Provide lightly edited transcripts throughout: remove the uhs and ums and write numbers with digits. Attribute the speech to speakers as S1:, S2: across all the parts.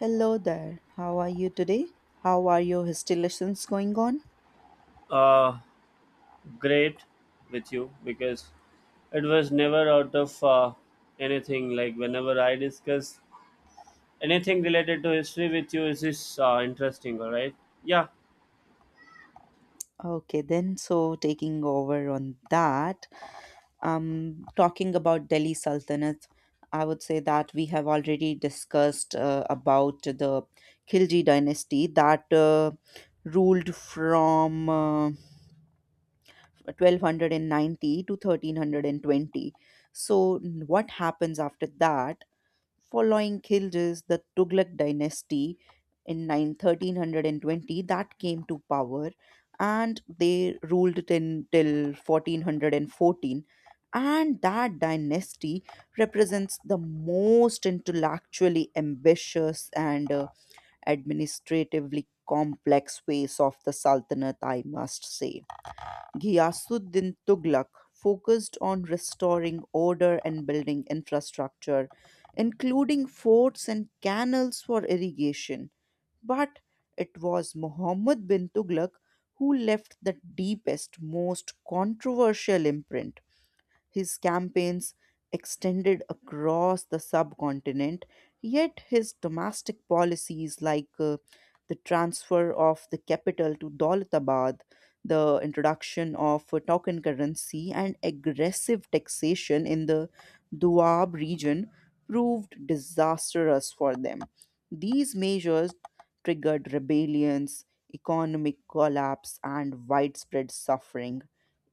S1: Hello there. How are you today? How are your installations going on?
S2: uh, Great with you because it was never out of anything. Like whenever I discuss anything related to history with you, is this interesting? All right. Yeah.
S1: Okay, then, so taking over on that, talking about Delhi Sultanate, I would say that we have already discussed about the Khilji dynasty that ruled from 1290 to 1320. So, what happens after that? Following Khilji's, the Tughlaq dynasty in nine thirteen hundred and twenty that came to power, and they ruled it in till 1414, and that dynasty represents the most intellectually ambitious and administratively complex phase of the sultanate, I must say. Ghiyasuddin Tughlaq focused on restoring order and building infrastructure, including forts and canals for irrigation. But it was Muhammad bin Tughlaq who left the deepest, most controversial imprint. His campaigns extended across the subcontinent, yet his domestic policies, like the transfer of the capital to Daulatabad, the introduction of a token currency, and aggressive taxation in the Doab region, proved disastrous for them. These measures triggered rebellions, economic collapse, and widespread suffering,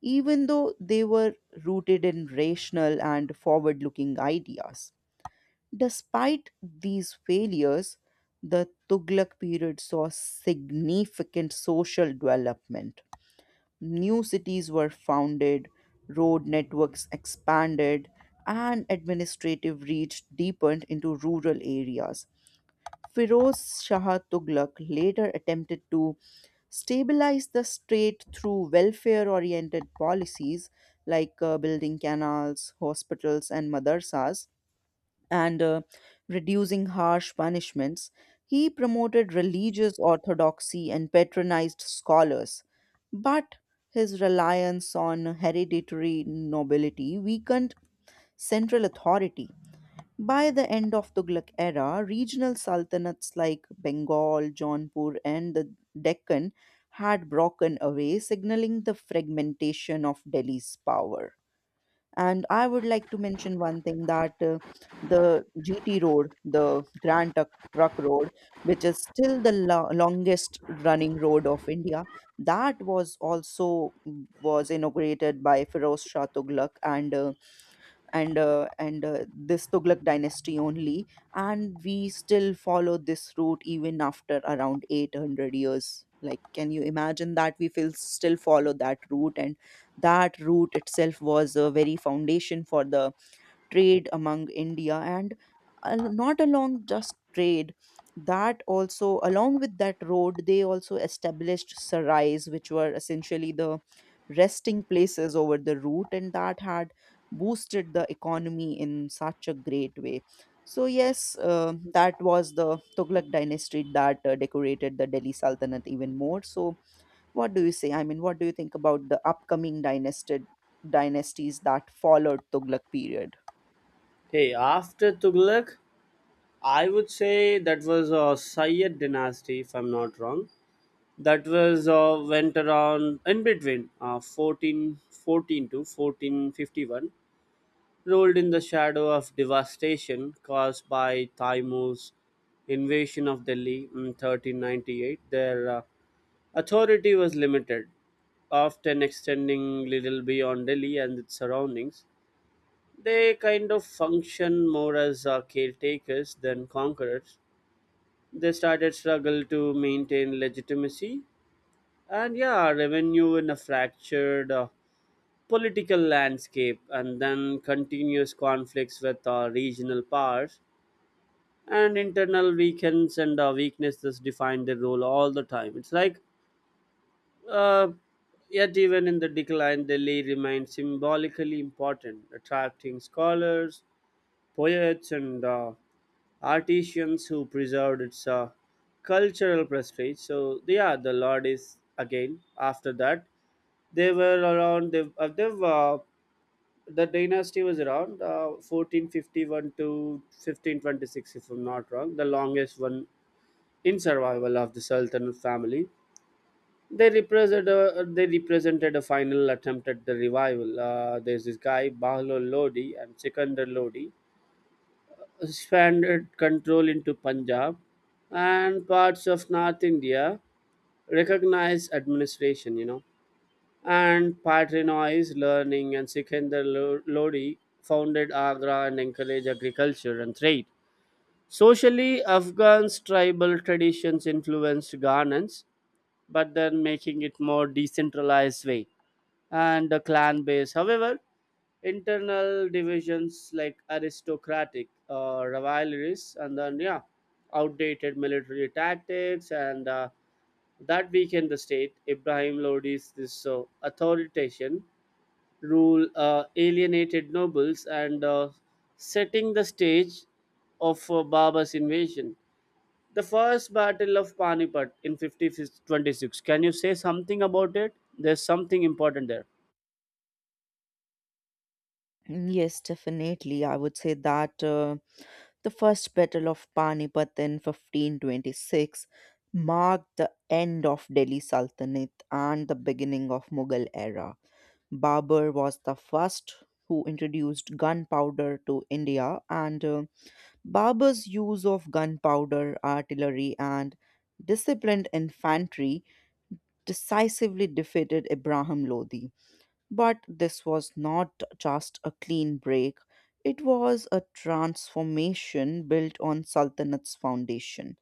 S1: even though they were rooted in rational and forward looking ideas. Despite these failures, the Tughlaq period saw significant social development. New cities were founded, road networks expanded, and administrative reach deepened into rural areas. Firoz Shah Tughlaq later attempted to stabilize the state through welfare oriented policies like building canals, hospitals, and madrasas, and reducing harsh punishments. He promoted religious orthodoxy and patronized scholars. But his reliance on hereditary nobility weakened central authority. By the end of Tughlaq era, regional sultanates like Bengal, Jaunpur, and the Deccan had broken away, signaling the fragmentation of Delhi's power. And I would like to mention one thing that the GT road, the Grand Truck Road, which is still the longest running road of India, that was also was inaugurated by Firoz Shah Tughlaq and this Tughlaq dynasty only, and we still follow this route even after around 800 years. Like, can you imagine that we will still follow that route? And that route itself was a very foundation for the trade among India and not along just trade. That also, along with that road, they also established sarais, which were essentially the resting places over the route, and that had boosted the economy in such a great way. So yes, that was the Tughlaq dynasty that decorated the Delhi Sultanate even more. So what do you say? I mean, what do you think about the upcoming dynasty dynasties that followed Tughlaq period?
S2: Hey, after Tughlaq, I would say that was a Sayyid dynasty, if I'm not wrong. That was went around in between 1414 to 1451, rolled in the shadow of devastation caused by Taimur's invasion of Delhi in 1398. Their authority was limited, often extending little beyond Delhi and its surroundings. They kind of function more as caretakers than conquerors. They started struggle to maintain legitimacy and, yeah, revenue in a fractured political landscape, and then continuous conflicts with regional powers and internal weakens and weaknesses define their role all the time. It's like, uh, yet even in the decline, Delhi remains symbolically important, attracting scholars, poets, and artisans who preserved its cultural prestige. So yeah, the Lord is again after that they were around. The dynasty was around 1451 to 1526, if I'm not wrong, the longest one in survival of the sultan family. They represented a final attempt at the revival. There's this guy Bahlo Lodi and Sikandar Lodi, expanded control into Punjab and parts of North India, recognized administration, you know, and Patrinois learning, and Sikandar Lodi founded Agra and encouraged agriculture and trade. Socially, Afghans' tribal traditions influenced governance, but then making it more decentralized way and a clan base. However, internal divisions like aristocratic rivalries, and then yeah, outdated military tactics and that weakened the state. Ibrahim Lodi's this authoritarian rule alienated nobles and setting the stage of Baba's invasion. The first battle of Panipat in 1526. Can you say something about it? There's something important there.
S1: Mm, yes, definitely. I would say that the first battle of Panipat in 1526 marked the end of Delhi Sultanate and the beginning of Mughal era. Babur was the first who introduced gunpowder to India, and Babur's use of gunpowder, artillery, and disciplined infantry decisively defeated Ibrahim Lodi. But this was not just a clean break, it was a transformation built on Sultanat's foundation.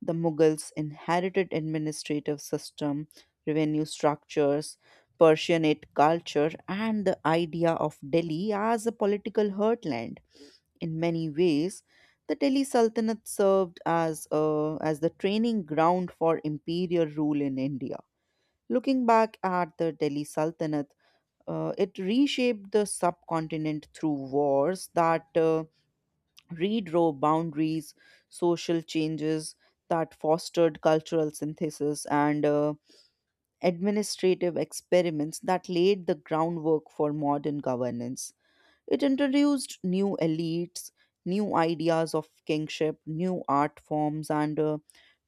S1: The Mughals inherited administrative system, revenue structures, Persianate culture, and the idea of Delhi as a political heartland. In many ways, the Delhi Sultanate served as, a, as the training ground for imperial rule in India. Looking back at the Delhi Sultanate, it reshaped the subcontinent through wars that redrew boundaries, social changes that fostered cultural synthesis, and administrative experiments that laid the groundwork for modern governance. It introduced new elites, new ideas of kingship, new art forms, and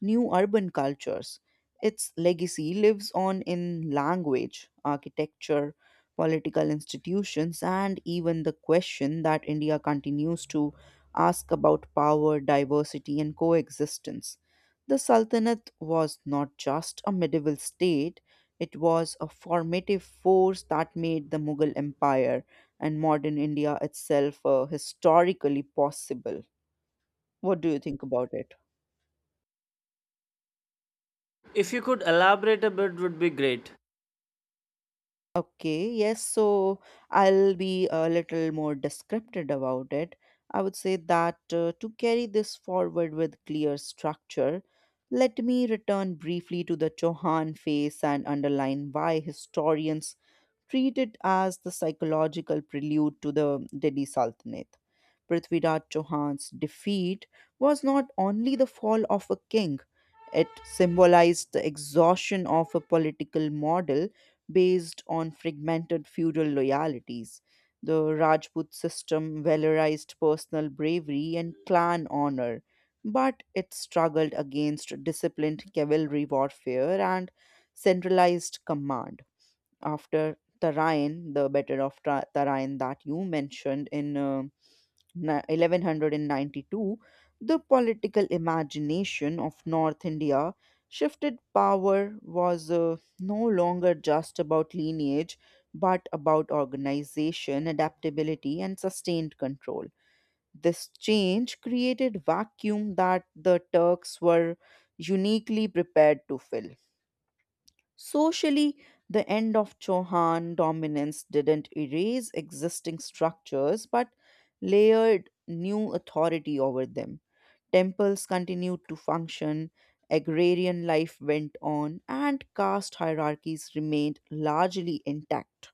S1: new urban cultures. Its legacy lives on in language, architecture, political institutions, and even the question that India continues to ask about power, diversity, and coexistence. The Sultanate was not just a medieval state, it was a formative force that made the Mughal Empire and modern India itself historically possible. What do you think about it?
S2: If you could elaborate a bit, would be great.
S1: Okay, yes, so I'll be a little more descriptive about it. I would say that to carry this forward with clear structure, let me return briefly to the Chauhan phase and underline why historians treat it as the psychological prelude to the Delhi Sultanate. Prithviraj Chauhan's defeat was not only the fall of a king, it symbolized the exhaustion of a political model based on fragmented feudal loyalties. The Rajput system valorized personal bravery and clan honor, but it struggled against disciplined cavalry warfare and centralized command. After Tarayan, the Battle of Tarayan that you mentioned in 1192, the political imagination of North India shifted. Power was no longer just about lineage but about organization, adaptability, and sustained control. This change created vacuum that the Turks were uniquely prepared to fill. Socially, the end of Chohan dominance didn't erase existing structures but layered new authority over them. Temples continued to function, agrarian life went on, and caste hierarchies remained largely intact.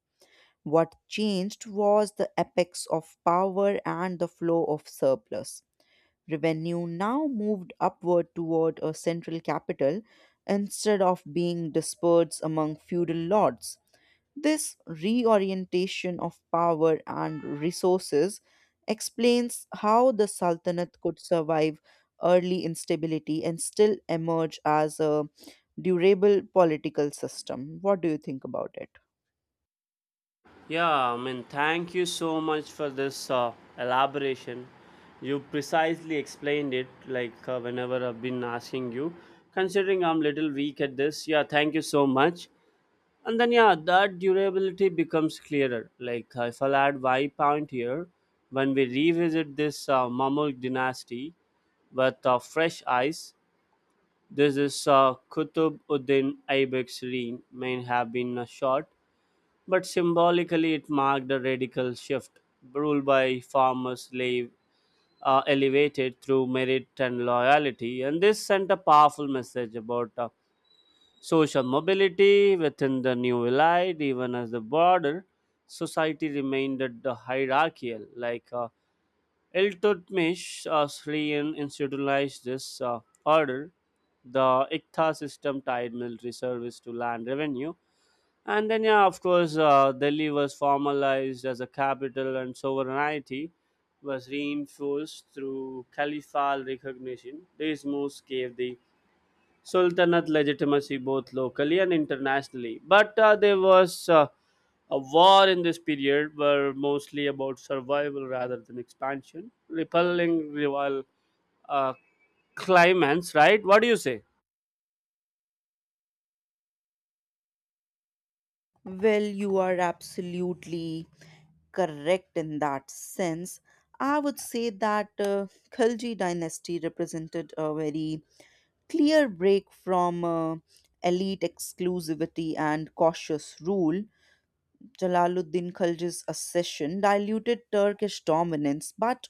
S1: What changed was the apex of power and the flow of surplus. Revenue now moved upward toward a central capital instead of being dispersed among feudal lords. This reorientation of power and resources explains how the Sultanate could survive early instability and still emerge as a durable political system. What do you think about it?
S2: Yeah, I mean, thank you so much for this elaboration. You precisely explained it, like whenever I've been asking you. Considering I'm little weak at this, yeah, thank you so much. And then yeah, that durability becomes clearer. Like if I'll add y point here, when we revisit this Mamluk dynasty with fresh eyes, this is Qutb Uddin Aibex reign may have been short, but symbolically it marked a radical shift. Rule by former slave, elevated through merit and loyalty, and this sent a powerful message about social mobility within the new elite, even as the border society remained the hierarchical. Like Iltutmish Syrian institutionalized this order. The Iqta system tied military service to land revenue. And then, yeah, of course, Delhi was formalized as a capital and sovereignty was reinforced through caliphal recognition. These moves gave the Sultanate legitimacy both locally and internationally. But there was a war in this period were mostly about survival rather than expansion, repelling rival uh, claimants, right? What do you say?
S1: Well, you are absolutely correct in that sense. I would say that Khilji dynasty represented a very clear break from elite exclusivity and cautious rule. Jalaluddin Khilji's accession diluted Turkish dominance, but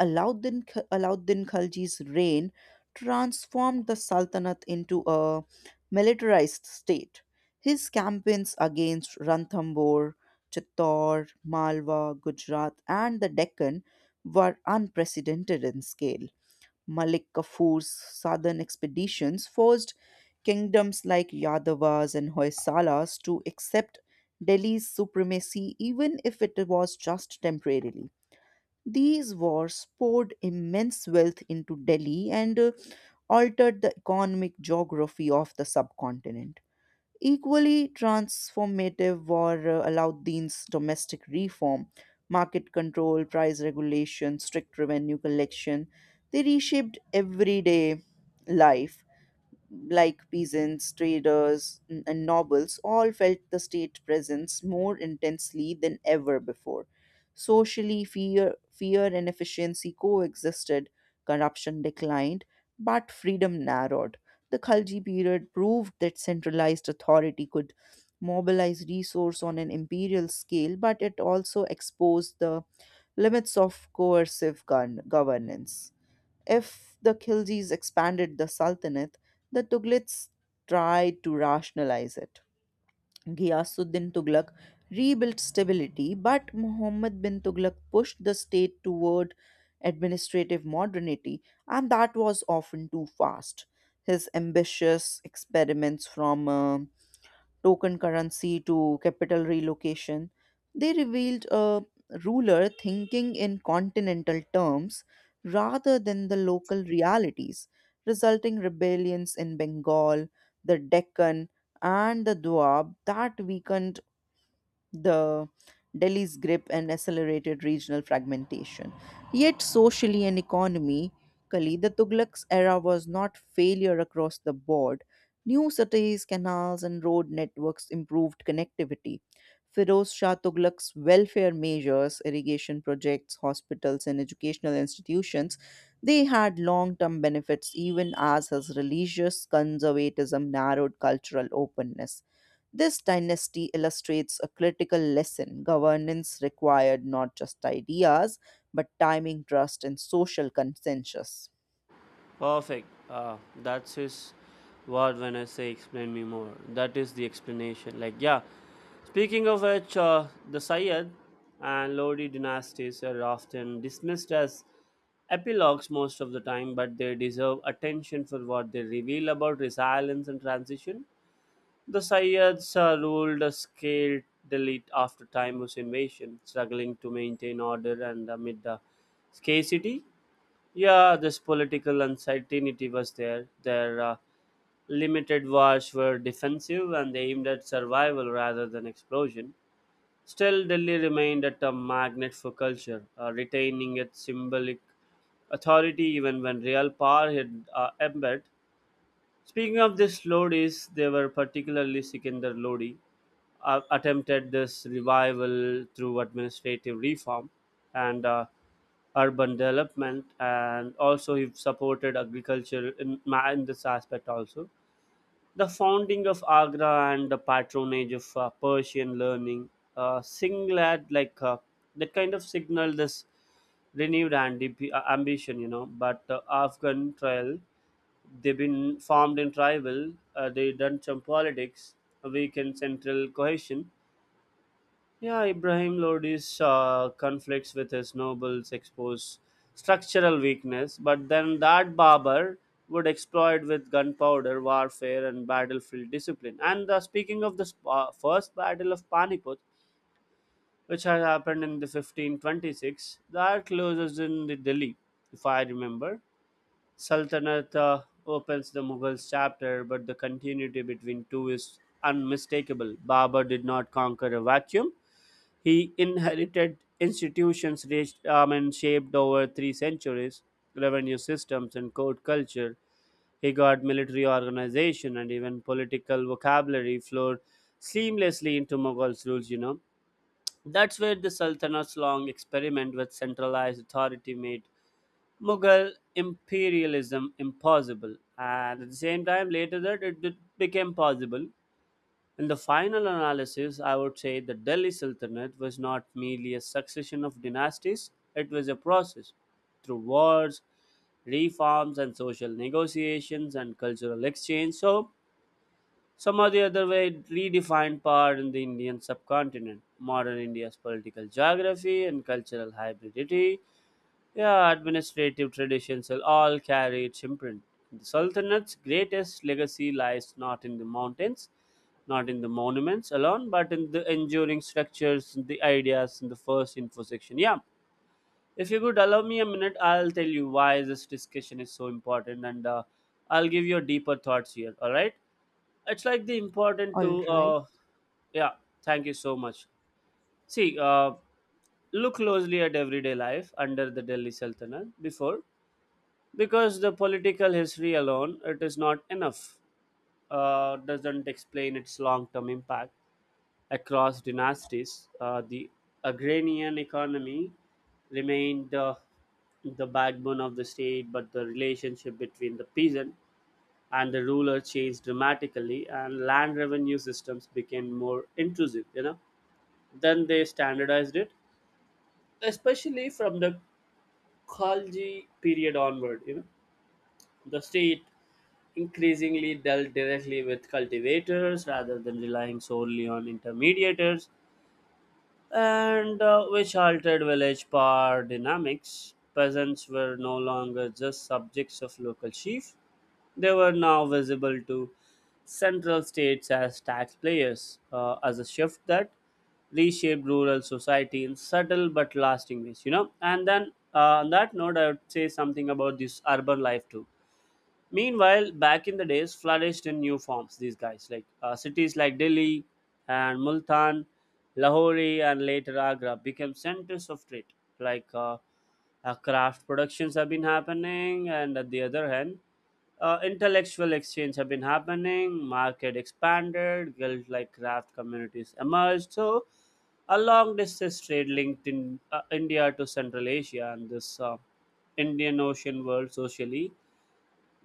S1: Alauddin, Alauddin Khilji's reign transformed the Sultanate into a militarized state. His campaigns against Ranthambore, Chittor, Malwa, Gujarat, and the Deccan were unprecedented in scale. Malik Kafur's southern expeditions forced kingdoms like Yadavas and Hoysalas to accept Delhi's supremacy, even if it was just temporarily. These wars poured immense wealth into Delhi and altered the economic geography of the subcontinent. Equally transformative were Alauddin's domestic reform, market control, price regulation, strict revenue collection. They reshaped everyday life, like peasants, traders, and nobles, all felt the state presence more intensely than ever before. Socially, fear and efficiency coexisted, corruption declined, but freedom narrowed. The Khalji period proved that centralized authority could mobilize resource on an imperial scale, but it also exposed the limits of coercive governance. If the Khiljis expanded the Sultanate, the Tughlits tried to rationalize it. Ghiyasuddin Tughlaq rebuilt stability, but Muhammad bin Tughlaq pushed the state toward administrative modernity, and that was often too fast. His ambitious experiments, from token currency to capital relocation, they revealed a ruler thinking in continental terms rather than the local realities, resulting rebellions in Bengal, the Deccan, and the Doab that weakened the Delhi's grip and accelerated regional fragmentation. Yet, socially and economically, the Tughlaq's era was not failure across the board. New cities, canals, and road networks improved connectivity. Firoz Shah Tughlaq's welfare measures, irrigation projects, hospitals, and educational institutions, they had long-term benefits even as his religious conservatism narrowed cultural openness. This dynasty illustrates a critical lesson. Governance required not just ideas, but timing, trust, and social consensus.
S2: Perfect. That's his word when I say explain me more. That is the explanation. Like, yeah, speaking of which, the Sayyid and Lodi dynasties are often dismissed as epilogues most of the time, but they deserve attention for what they reveal about resilience and transition. The Sayyids ruled a scaled delete after Timur's invasion, struggling to maintain order and amid the scarcity. Yeah, this political uncertainty was there. Their limited wars were defensive and aimed at survival rather than explosion. Still, Delhi remained at a magnet for culture, retaining its symbolic authority even when real power had embedded. Speaking of these Lodis, they were particularly Sikandar Lodi, attempted this revival through administrative reform and urban development, and also he supported agriculture in, in this aspect also. The founding of Agra and the patronage of Persian learning singled like that kind of signal this renewed ambition, you know. But Afghan trial, they've been formed in tribal, they done some politics, weakened central cohesion. Yeah, Ibrahim Lodi's conflicts with his nobles expose structural weakness, but then that Barber would exploit with gunpowder, warfare, and battlefield discipline. And speaking of the first battle of Panipat, which had happened in the 1526, that closes in the Delhi, if I remember. Sultanate opens the Mughals chapter, but the continuity between two is unmistakable. Babur did not conquer a vacuum, he inherited institutions raised, and shaped over 3 centuries, revenue systems and court culture. He got military organization, and even political vocabulary flowed seamlessly into Mughals' rules, you know. That's where the Sultanate's long experiment with centralized authority made Mughal imperialism impossible. And at the same time, later that became possible. In the final analysis, I would say the Delhi Sultanate was not merely a succession of dynasties, it was a process. Through wars, reforms, and social negotiations and cultural exchange. So, some are the other way redefined part in the Indian subcontinent, modern India's political geography and cultural hybridity. Yeah, administrative traditions will all carry its imprint. The Sultanate's greatest legacy lies not in the mountains, not in the monuments alone, but in the enduring structures, the ideas in the first info section. Yeah, if you could allow me a minute, I'll tell you why this discussion is so important, and I'll give you deeper thoughts here, all right? It's like the important
S1: All
S2: to
S1: right.
S2: yeah, thank you so much. See, look closely at everyday life under the Delhi Sultanate before, because the political history alone, it is not enough, doesn't explain its long-term impact across dynasties. The agrarian economy remained the backbone of the state, but the relationship between the peasant and the ruler changed dramatically, and land revenue systems became more intrusive, you know. Then they standardized it, especially from the Khalji period onward, you know. The state increasingly dealt directly with cultivators rather than relying solely on intermediators, and which altered village power dynamics. Peasants were no longer just subjects of local chief, they were now visible to central states as taxpayers, as a shift that reshaped rural society in subtle but lasting ways, you know. And then on that note, I would say something about this urban life too. Meanwhile, back in the days, flourished in new forms. These guys, like cities like Delhi and Multan, Lahore, and later Agra, became centers of trade. Like craft productions have been happening, and at the other hand, intellectual exchange have been happening. Market expanded, guild like craft communities emerged. So, a long distance trade linked in India to Central Asia, and this Indian Ocean world socially,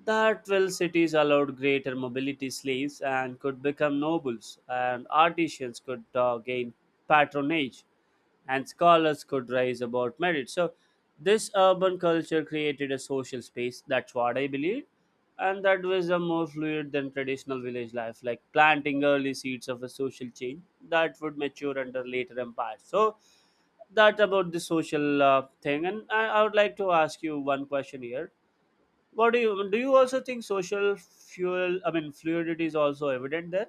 S2: that 12 cities allowed greater mobility, slaves and could become nobles, and artisans could gain patronage, and scholars could rise about merit. So this urban culture created a social space, that's what I believe, and that was a more fluid than traditional village life, like planting early seeds of a social change that would mature under later empires. So that about the social thing, and I would like to ask you one question here. What do? You also think social fuel, I mean, fluidity is also evident there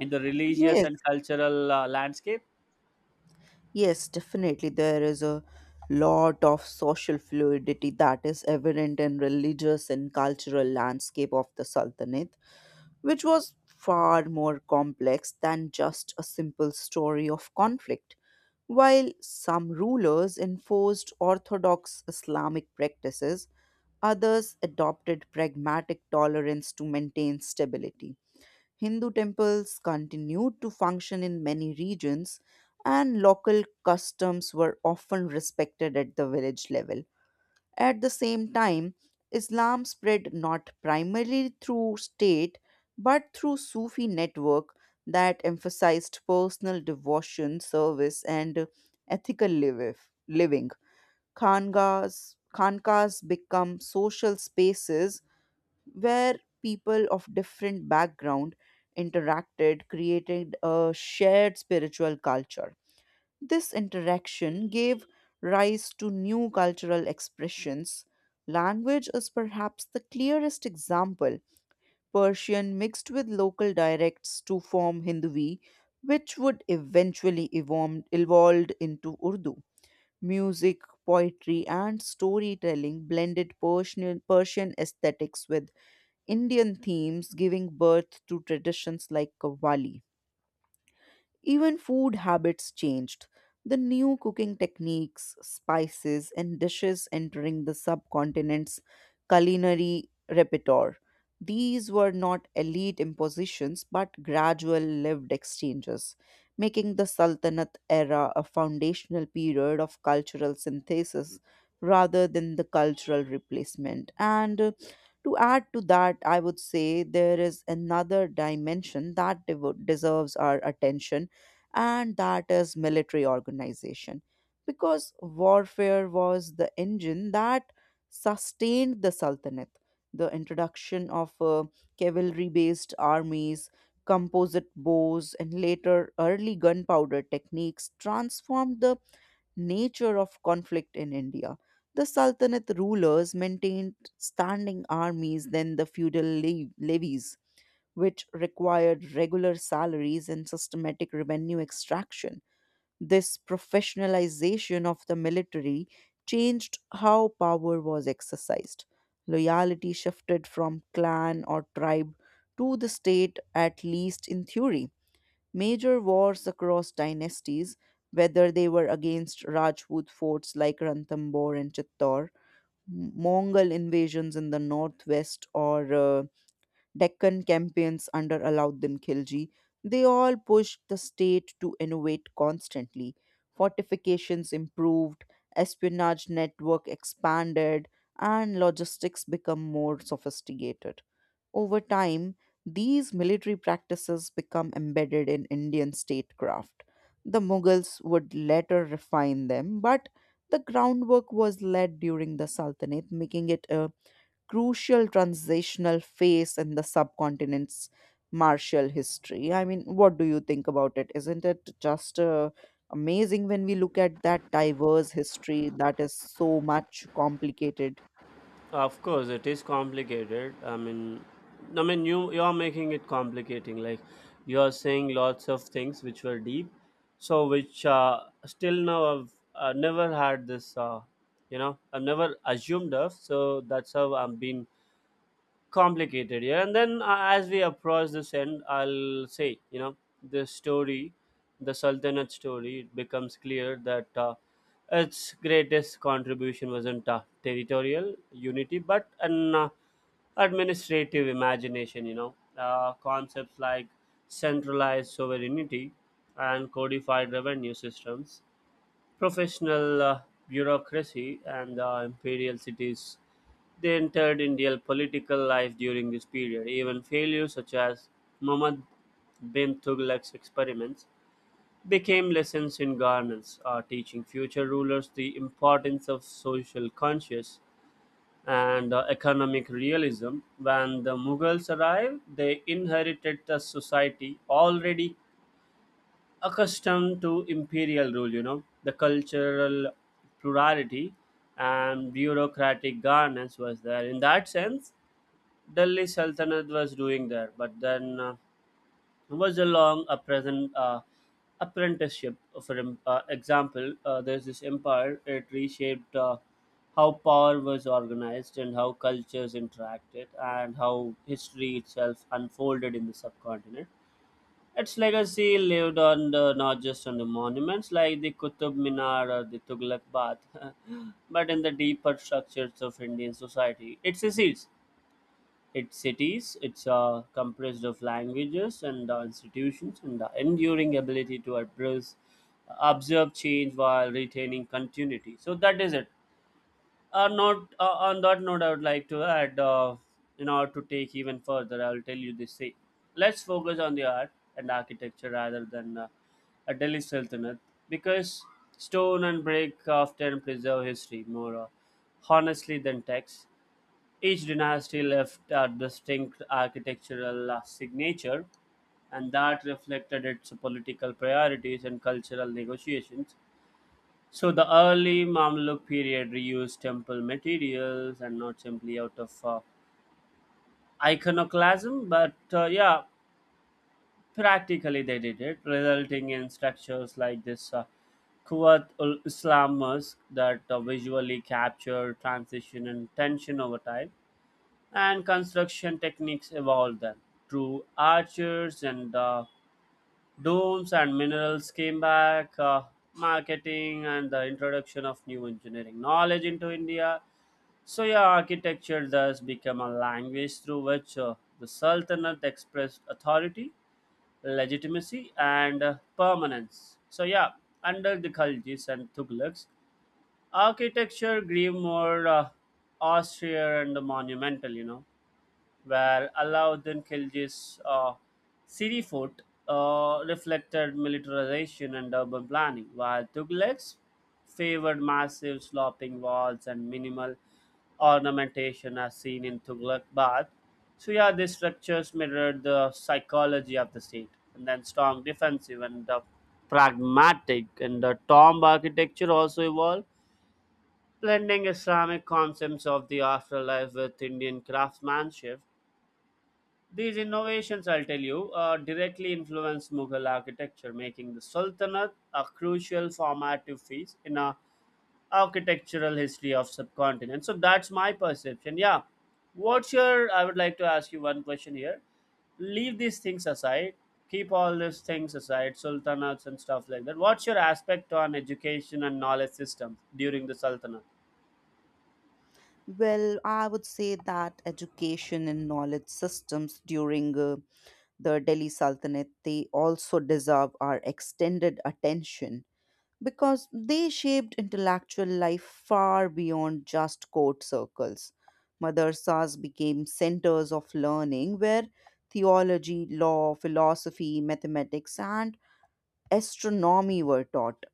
S2: in the religious
S1: Yes,
S2: and cultural landscape.
S1: yes, definitely. There is a lot of social fluidity that is evident in religious and cultural landscape of the Sultanate, which was far more complex than just a simple story of conflict. While some rulers enforced orthodox Islamic practices, others adopted pragmatic tolerance to maintain stability. Hindu temples continued to function in many regions, and local customs were often respected at the village level. At the same time, Islam spread not primarily through state but through Sufi network that emphasized personal devotion, service, and ethical living. Khangas, khankas become social spaces where people of different background interacted, creating a shared spiritual culture. This interaction gave rise to new cultural expressions. Language is perhaps the clearest example. Persian mixed with local dialects to form Hindvi, which would eventually evolved into Urdu. Music, poetry, and storytelling blended Persian aesthetics with Indian themes, giving birth to traditions like Qawwali. Even food habits changed. The new cooking techniques, spices, and dishes entering the subcontinent's culinary repertoire. These were not elite impositions but gradual lived exchanges, making the Sultanate era a foundational period of cultural synthesis rather than the cultural replacement. And to add to that, I would say there is another dimension that deserves our attention, and that is military organization, because warfare was the engine that sustained the sultanate. The introduction of cavalry based armies, composite bows, and later early gunpowder techniques transformed the nature of conflict in India. The sultanate rulers maintained standing armies than the feudal levies, which required regular salaries and systematic revenue extraction. This professionalization of the military changed how power was exercised. Loyalty shifted from clan or tribe to the state, at least in theory. Major wars across dynasties, whether they were against Rajput forts like Ranthambore and Chittor, Mongol invasions in the northwest, or Deccan campaigns under Alauddin Khilji, they all pushed the state to innovate constantly. Fortifications improved, espionage network expanded, and logistics become more sophisticated. Over time, these military practices become embedded in Indian statecraft. The Mughals would later refine them, but the groundwork was laid during the Sultanate, making it a crucial transitional phase in the subcontinent's martial history. I mean, what do you think about it? Isn't it just amazing when we look at that diverse history that is so much complicated?
S2: Of course, it is complicated. I mean, you are making it complicating. Like you are saying lots of things which were deep, so which still now I've never had this. You know, I've never assumed of. So that's how I'm being complicated. Yeah, and then as we approach this end, I'll say, you know, the story, the sultanate story, it becomes clear that its greatest contribution wasn't territorial unity but an administrative imagination, you know. Concepts like centralized sovereignty and codified revenue systems, professional bureaucracy and imperial cities. They entered Indian political life during this period. Even failures such as Muhammad bin Tughlaq's experiments became lessons in governance, teaching future rulers the importance of social conscience and economic realism. When the Mughals arrived, they inherited a society already accustomed to imperial rule, you know, the cultural plurality and bureaucratic governance was there. In that sense, Delhi Sultanate was doing there, but then it was a long a present apprenticeship. For example, there's this empire, it reshaped how power was organized, and how cultures interacted, and how history itself unfolded in the subcontinent. Its legacy lived on the, not just on the monuments like the Qutub Minar or the Tughlaq Bath, but in the deeper structures of Indian society. Its cities, it's comprised of languages and institutions, and the enduring ability to address, observe change while retaining continuity. So that is it. Not on that note, I would like to add, in order to take even further, I will tell you this. See, let's focus on the art and architecture rather than a Delhi Sultanate, because stone and brick often preserve history more honestly than text. Each dynasty left a distinct architectural signature, and that reflected its political priorities and cultural negotiations. So the early Mamluk period reused temple materials, and not simply out of iconoclasm, but yeah, practically they did it, resulting in structures like this Kuwait ul Islam Mosque that visually capture transition and tension over time, and construction techniques evolved then. Through archers and domes and minerals came back, marketing and the introduction of new engineering knowledge into India. So, yeah, architecture thus became a language through which the Sultanate expressed authority, legitimacy, and permanence. So, yeah, under the Khaljis and Tughlaqs, architecture grew more austere and monumental, you know, where Alauddin Khilji's Sirifort reflected militarization and urban planning, while Tughlaq's favored massive sloping walls and minimal ornamentation as seen in Tughlaq Bath. So yeah, these structures mirrored the psychology of the state, and then strong defensive and pragmatic, and the tomb architecture also evolved, blending Islamic concepts of the afterlife with Indian craftsmanship. These innovations, I'll tell you, directly influenced Mughal architecture, making the Sultanate a crucial formative phase in a architectural history of subcontinent. So that's my perception. Yeah, what's your? I would like to ask you one question here. Leave these things aside. Keep all these things aside, sultanates and stuff like that. What's your aspect on education and knowledge system during the Sultanate?
S1: Well, I would say that education and knowledge systems during the Delhi Sultanate, they also deserve our extended attention because they shaped intellectual life far beyond just court circles. Madrasas became centers of learning where theology, law, philosophy, mathematics, and astronomy were taught.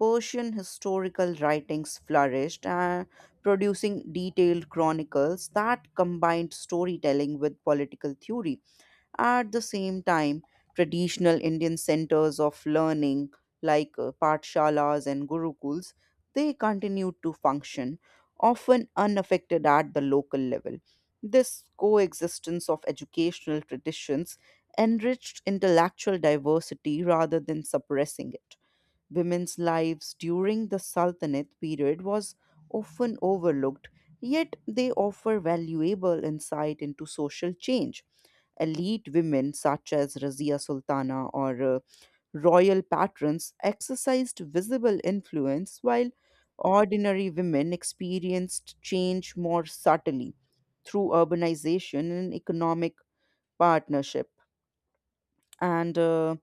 S1: Persian historical writings flourished, producing detailed chronicles that combined storytelling with political theory. At the same time, traditional Indian centers of learning like Patshalas and Gurukuls, they continued to function, often unaffected at the local level. This coexistence of educational traditions enriched intellectual diversity rather than suppressing it. Women's lives during the Sultanate period was often overlooked, yet they offer valuable insight into social change. Elite women such as Razia Sultana or royal patrons exercised visible influence, while ordinary women experienced change more subtly through urbanization and economic partnership. And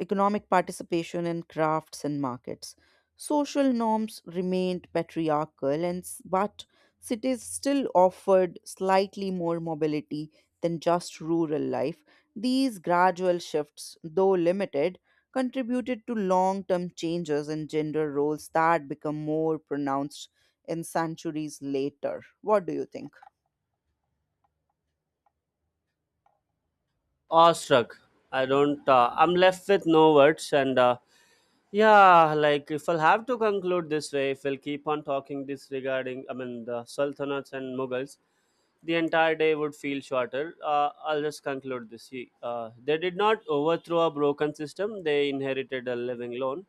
S1: economic participation in crafts and markets. Social norms remained patriarchal, and but cities still offered slightly more mobility than just rural life. These gradual shifts, though limited, contributed to long term changes in gender roles that become more pronounced in centuries later. What do you think?
S2: Awestruck. I don't. I'm left with no words and. Yeah, like if I'll have to conclude this way, if we'll keep on talking this regarding, I mean, the Sultanates and Mughals, the entire day would feel shorter. I'll just conclude this. See, uh, they did not overthrow a broken system, they inherited a living loan.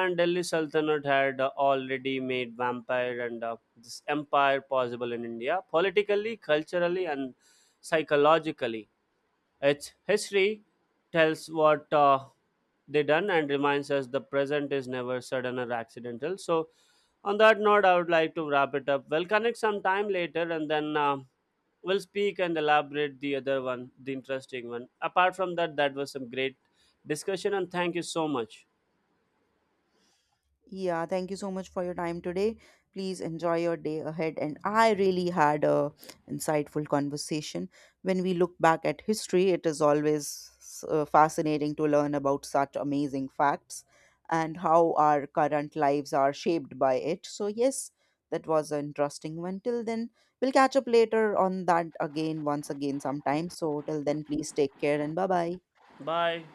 S2: And Delhi Sultanate had already made vampire and this empire possible in India, politically, culturally, and psychologically. Its history tells what they done and reminds us the present is never sudden or accidental. So, on that note, I would like to wrap it up. We'll connect some time later, and then we'll speak and elaborate the other one, the interesting one. Apart from that, that was some great discussion, and thank you so much.
S1: Yeah, thank you so much for your time today. Please enjoy your day ahead. And I really had a insightful conversation. When we look back at history, it is always fascinating to learn about such amazing facts and how our current lives are shaped by it. So yes, that was an interesting one. Till then, we'll catch up later on that again, once again, sometime. So till then, please take care and bye bye.
S2: Bye.